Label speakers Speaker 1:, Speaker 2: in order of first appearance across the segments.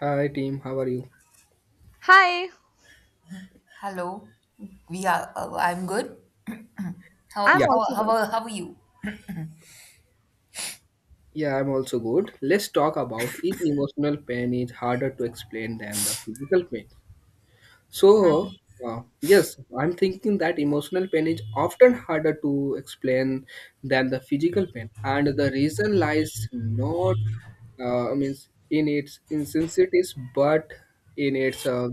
Speaker 1: Hi team, how are you?
Speaker 2: Hi,
Speaker 3: Hello. We are. I'm good. How
Speaker 2: I'm
Speaker 1: Yeah,
Speaker 3: how
Speaker 2: also
Speaker 3: how
Speaker 2: good.
Speaker 3: are, how are you?
Speaker 1: yeah, I'm also good. Let's talk about if emotional pain is harder to explain than the physical pain. So, yes, I'm thinking that emotional pain is often harder to explain than the physical pain, and the reason lies not I mean, in its insensitivities, but in its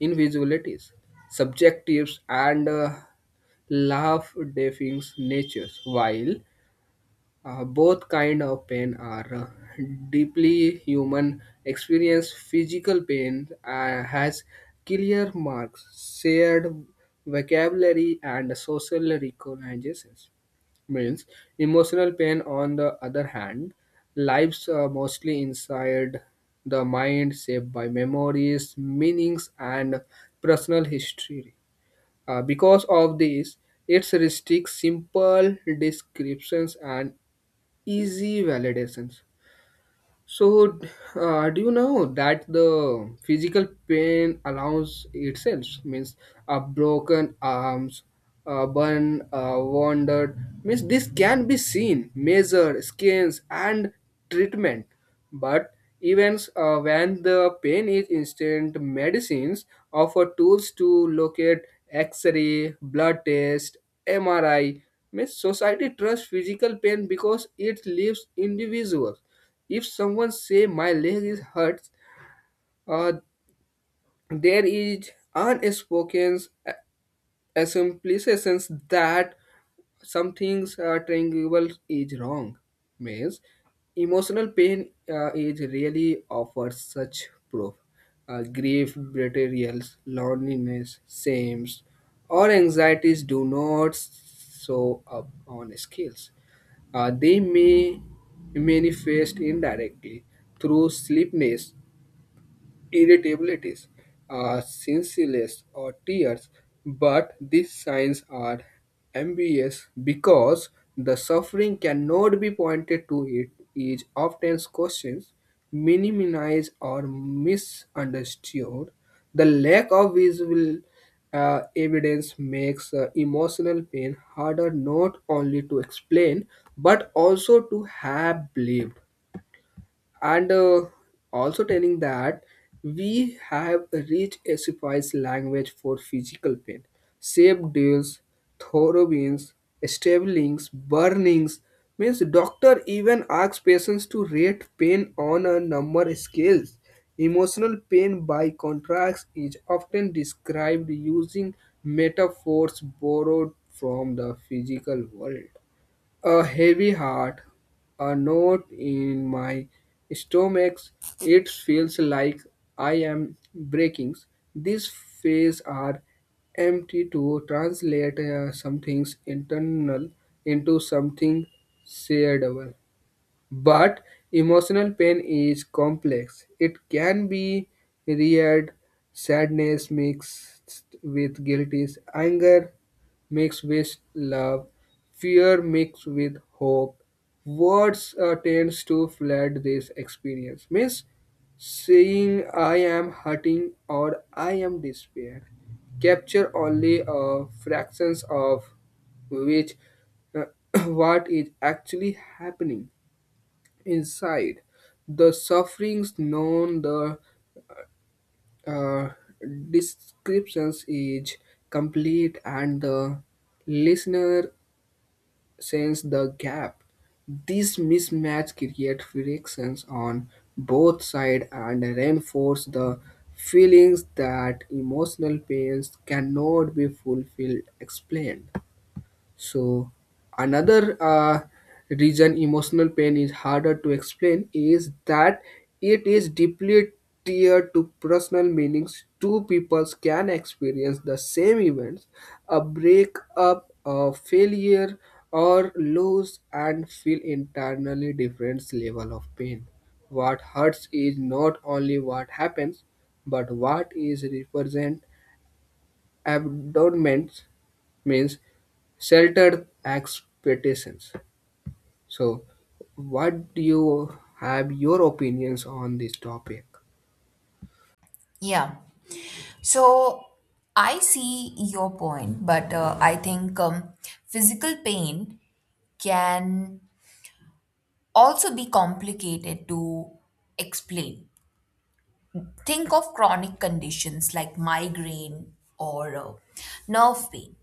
Speaker 1: invisibilities, subjectives, and laugh deafening natures. While Both kind of pain are deeply human experience. Physical pain has clear marks, shared vocabulary, and social recognitions. Means emotional pain, on the other hand, lives mostly inside the mind, shaped by memories, meanings, and personal history. Because of this, it restricts simple descriptions and easy validations. So, do you know that the physical pain allows itself means a broken arms, a burn, a wounded means this can be seen, measured, scans, and treatment. But events when the pain is instant, medicines offer tools to locate X-ray, blood test, MRI. Means society trusts physical pain because it leaves individuals if someone say my leg is hurts, uh, there is unspoken a simplifications that some things triangle is wrong means emotional pain is really offers such proof, grief betrayals loneliness shames or anxieties do not show up on scales, they may manifest indirectly through sleepiness irritabilities, sincereless, or tears, but these signs are ambiguous because the suffering cannot be pointed to it is often questioned, minimized, or misunderstood. The lack of visual evidence makes emotional pain harder not only to explain but also to have believed, and also telling that we have reached a suffice language for physical pain. Shape deals, throbbings, stabbings, burnings means doctor even asks patients to rate pain on a number scales. Emotional pain by contrast is often described using metaphors borrowed from the physical world. A heavy heart, a knot in my stomach. It feels like I am breaking. These phrases are empty to translate something internal into something shareable. But emotional pain is complex. It can be reared sadness mixed with guilt, is anger mixed with love, fear mixed with hope. Words tends to flood this experience. Means saying I am hurting or I am despair capture only a fractions of which uh, what is actually happening inside. The sufferings known the uh, descriptions is complete and the listener sense the gap. This mismatch creates frictions on both sides and reinforce the feelings that emotional pains cannot be fulfilled explained. So, another reason emotional pain is harder to explain is that it is deeply tied to personal meanings. Two people can experience the same events, a breakup, a failure, or loss, and feel internally different level of pain. What hurts is not only what happens, but what is represent Abandonment means sheltered expectations. So, what do you have your opinions on this topic?
Speaker 3: Yeah. So I see your point, but I think physical pain can also be complicated to explain. Think of chronic conditions like migraine or nerve pain.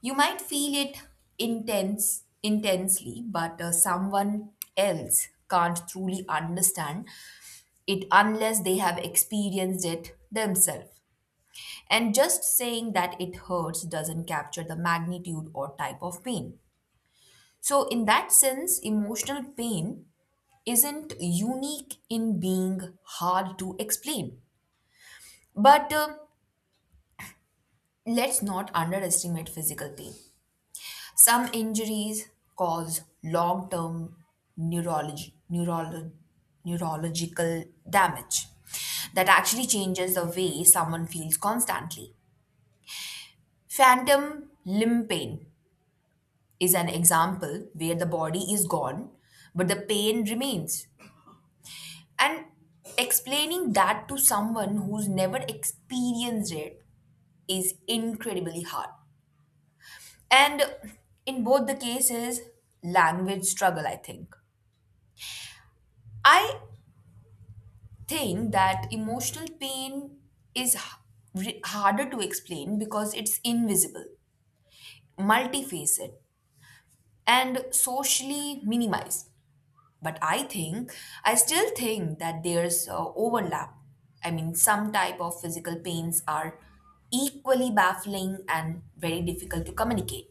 Speaker 3: You might feel it intensely, but someone else can't truly understand it unless they have experienced it themselves. And just saying that it hurts doesn't capture the magnitude or type of pain. So, in that sense, emotional pain isn't unique in being hard to explain. But let's not underestimate physical pain. Some injuries cause long term neurology, neurolo- neurological damage that actually changes the way someone feels constantly. Phantom limb pain is an example where the body is gone, but the pain remains. And explaining that to someone who's never experienced it is incredibly hard. And in both the cases, language struggle, I think. I think that emotional pain is harder to explain because it's invisible, multifaceted, and socially minimized. But I think I still think that there's overlap. I mean, some type of physical pains are equally baffling and very difficult to communicate.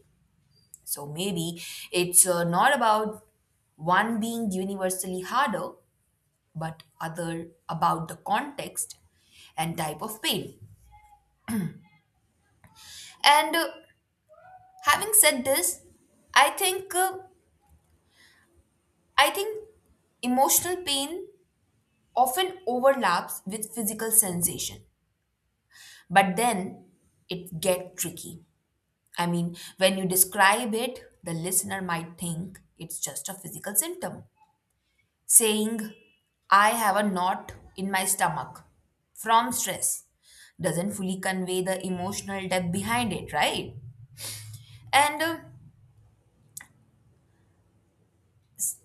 Speaker 3: So maybe it's not about one being universally harder, but other about the context and type of pain. And having said this, i think uh, I think emotional pain often overlaps with physical sensation. But then it get tricky. I mean, when you describe it, the listener might think it's just a physical symptom. Saying, I have a knot in my stomach from stress doesn't fully convey the emotional depth behind it, right? And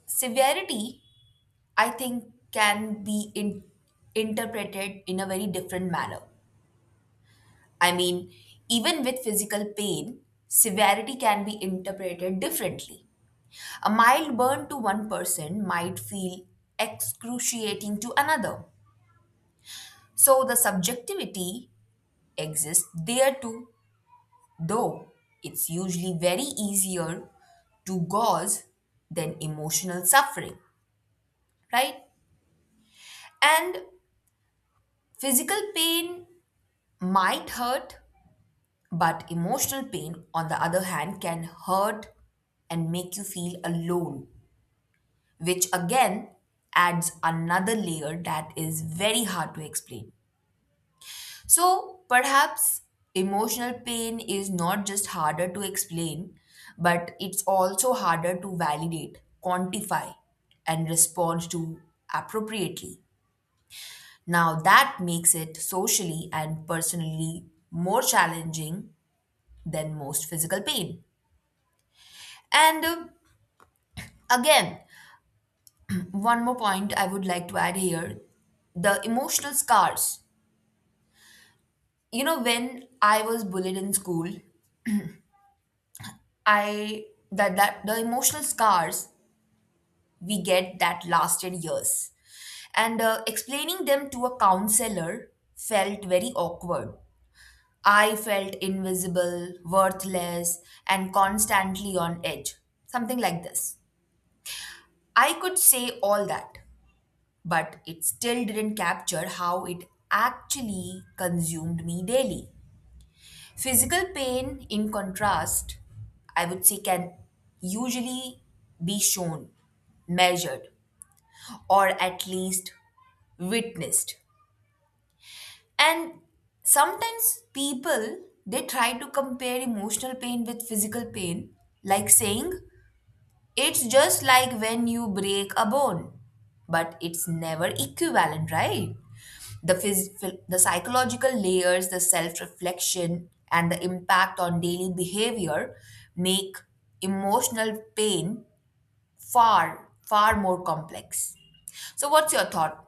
Speaker 3: severity, I think, can be interpreted in a very different manner. I mean, even with physical pain, severity can be interpreted differently. A mild burn to one person might feel excruciating to another. So the subjectivity exists there too, though it's usually very easier to gauze than emotional suffering, right? And physical pain might hurt, but emotional pain, on the other hand, can hurt and make you feel alone, which again adds another layer that is very hard to explain. So perhaps emotional pain is not just harder to explain, but it's also harder to validate, quantify, and respond to appropriately. Now, that makes it socially and personally more challenging than most physical pain. And again, one more point I would like to add here: the emotional scars. You know, when I was bullied in school, I that that the emotional scars we get that lasted years, and explaining them to a counselor felt very awkward. I felt invisible, worthless, and constantly on edge. Something like this. I could say all that, but it still didn't capture how it actually consumed me daily. Physical pain, in contrast, I would say can usually be shown, measured, or at least witnessed. And sometimes people they try to compare emotional pain with physical pain, like saying, It's just like when you break a bone, but it's never equivalent, right? The, phys- the psychological layers, the self reflection, and the impact on daily behavior make emotional pain far, far more complex. So, what's your thought?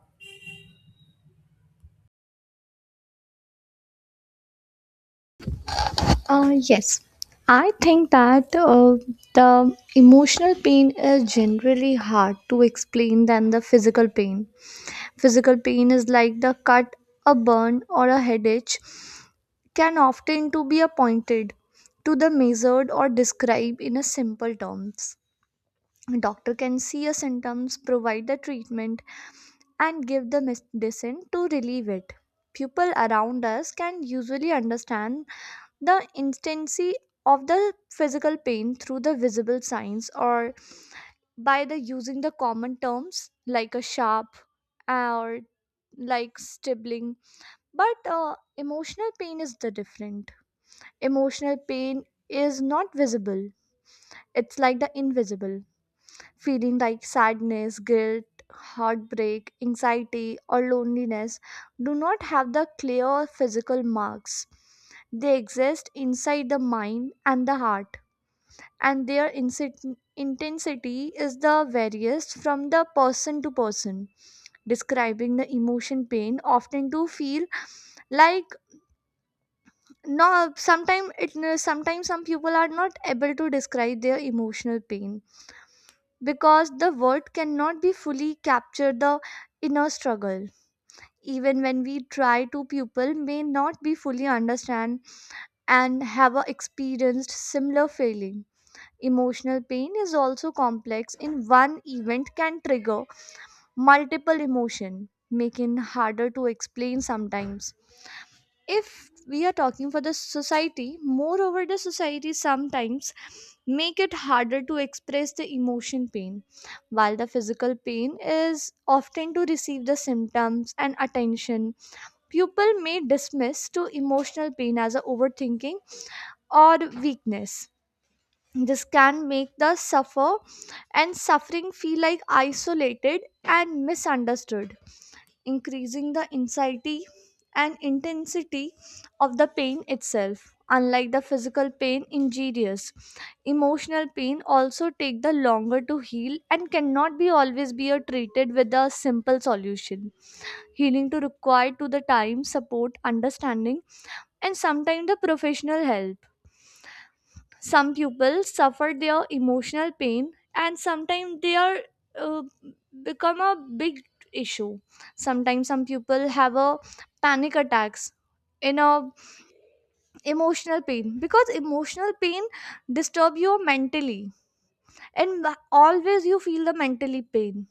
Speaker 2: Yes, I think that the emotional pain is generally hard to explain than the physical pain. Physical pain is like the cut, a burn, or a headache can often to be appointed to the measured or described in a simple terms. Doctor can see a symptoms, provide the treatment, and give the medicine to relieve it. People around us can usually understand the intensity of the physical pain through the visible signs or by the using the common terms like a sharp or like stibbling, but emotional pain is the different. Emotional pain is not visible, it's like the invisible feeling like sadness, guilt, heartbreak, anxiety, or loneliness. Do not have the clear physical marks, they exist inside the mind and the heart, and their intensity is the various from the person to person. Describing the emotion pain often to feel like, no, sometimes it sometimes some people are not able to describe their emotional pain because the word cannot be fully capture the inner struggle. Even when we try to people may not be fully understand and have a experienced similar feeling. Emotional pain is also complex in one event can trigger multiple emotion, making harder to explain sometimes. If we are talking for the society, moreover the society sometimes make it harder to express the emotion pain, while the physical pain is often to receive the symptoms and attention. People may dismiss to emotional pain as a overthinking or weakness. This can make the suffer and suffering feel like isolated and misunderstood, increasing the anxiety and intensity of the pain itself. Unlike the physical pain injurious, emotional pain also take the longer to heal and cannot be always be a treated with a simple solution. Healing to require to the time, support, understanding, and sometimes the professional help. Some pupils suffer their emotional pain, and sometimes they are uh, become a big issue. Sometimes some people have a panic attacks in a emotional pain because emotional pain disturb you mentally and always you feel the mentally pain.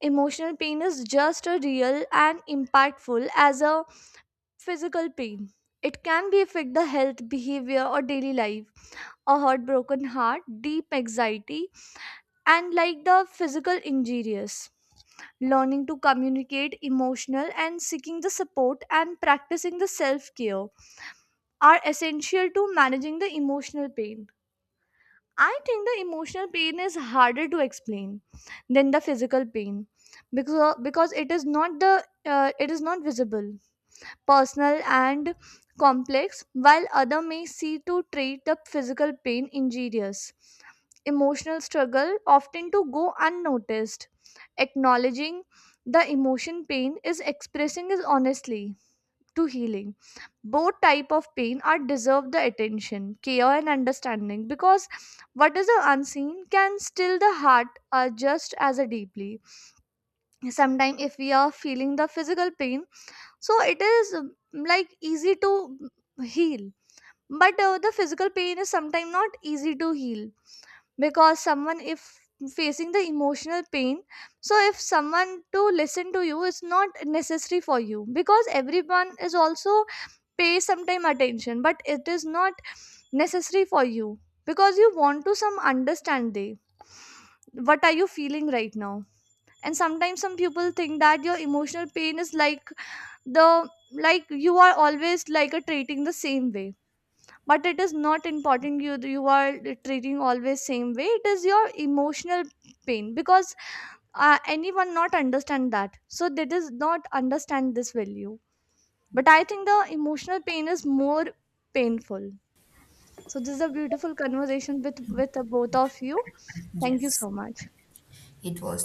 Speaker 2: Emotional pain is just as real and impactful as a physical pain. It can be affect the health, behavior, or daily life, a heartbroken heart, deep anxiety, and like the physical injuries. Learning to communicate emotional and seeking the support and practicing the self care are essential to managing the emotional pain. I think the emotional pain is harder to explain than the physical pain because it is not the it is not visible, personal, and complex, while other may see to treat the physical pain injurious. Emotional struggle often to go unnoticed. Acknowledging the emotion pain is expressing is honestly to healing. Both type of pain are deserve the attention, care, and understanding because what is the unseen can still the heart, just as a deeply. Sometimes if we are feeling the physical pain, so it is like easy to heal, but the physical pain is sometimes not easy to heal because someone if facing the emotional pain. So if someone to listen to you is not necessary for you because everyone is also pay sometime attention, but it is not necessary for you because you want to some understand they what are you feeling right now. And sometimes some people think that your emotional pain is like the, like you are always like a treating the same way, but it is not important you are treating always same way. It is your emotional pain because anyone not understand that, so they does not understand this value. But I think the emotional pain is more painful. So this is a beautiful conversation with the both of you. Thank you
Speaker 3: Yes,
Speaker 2: so much.
Speaker 3: it was.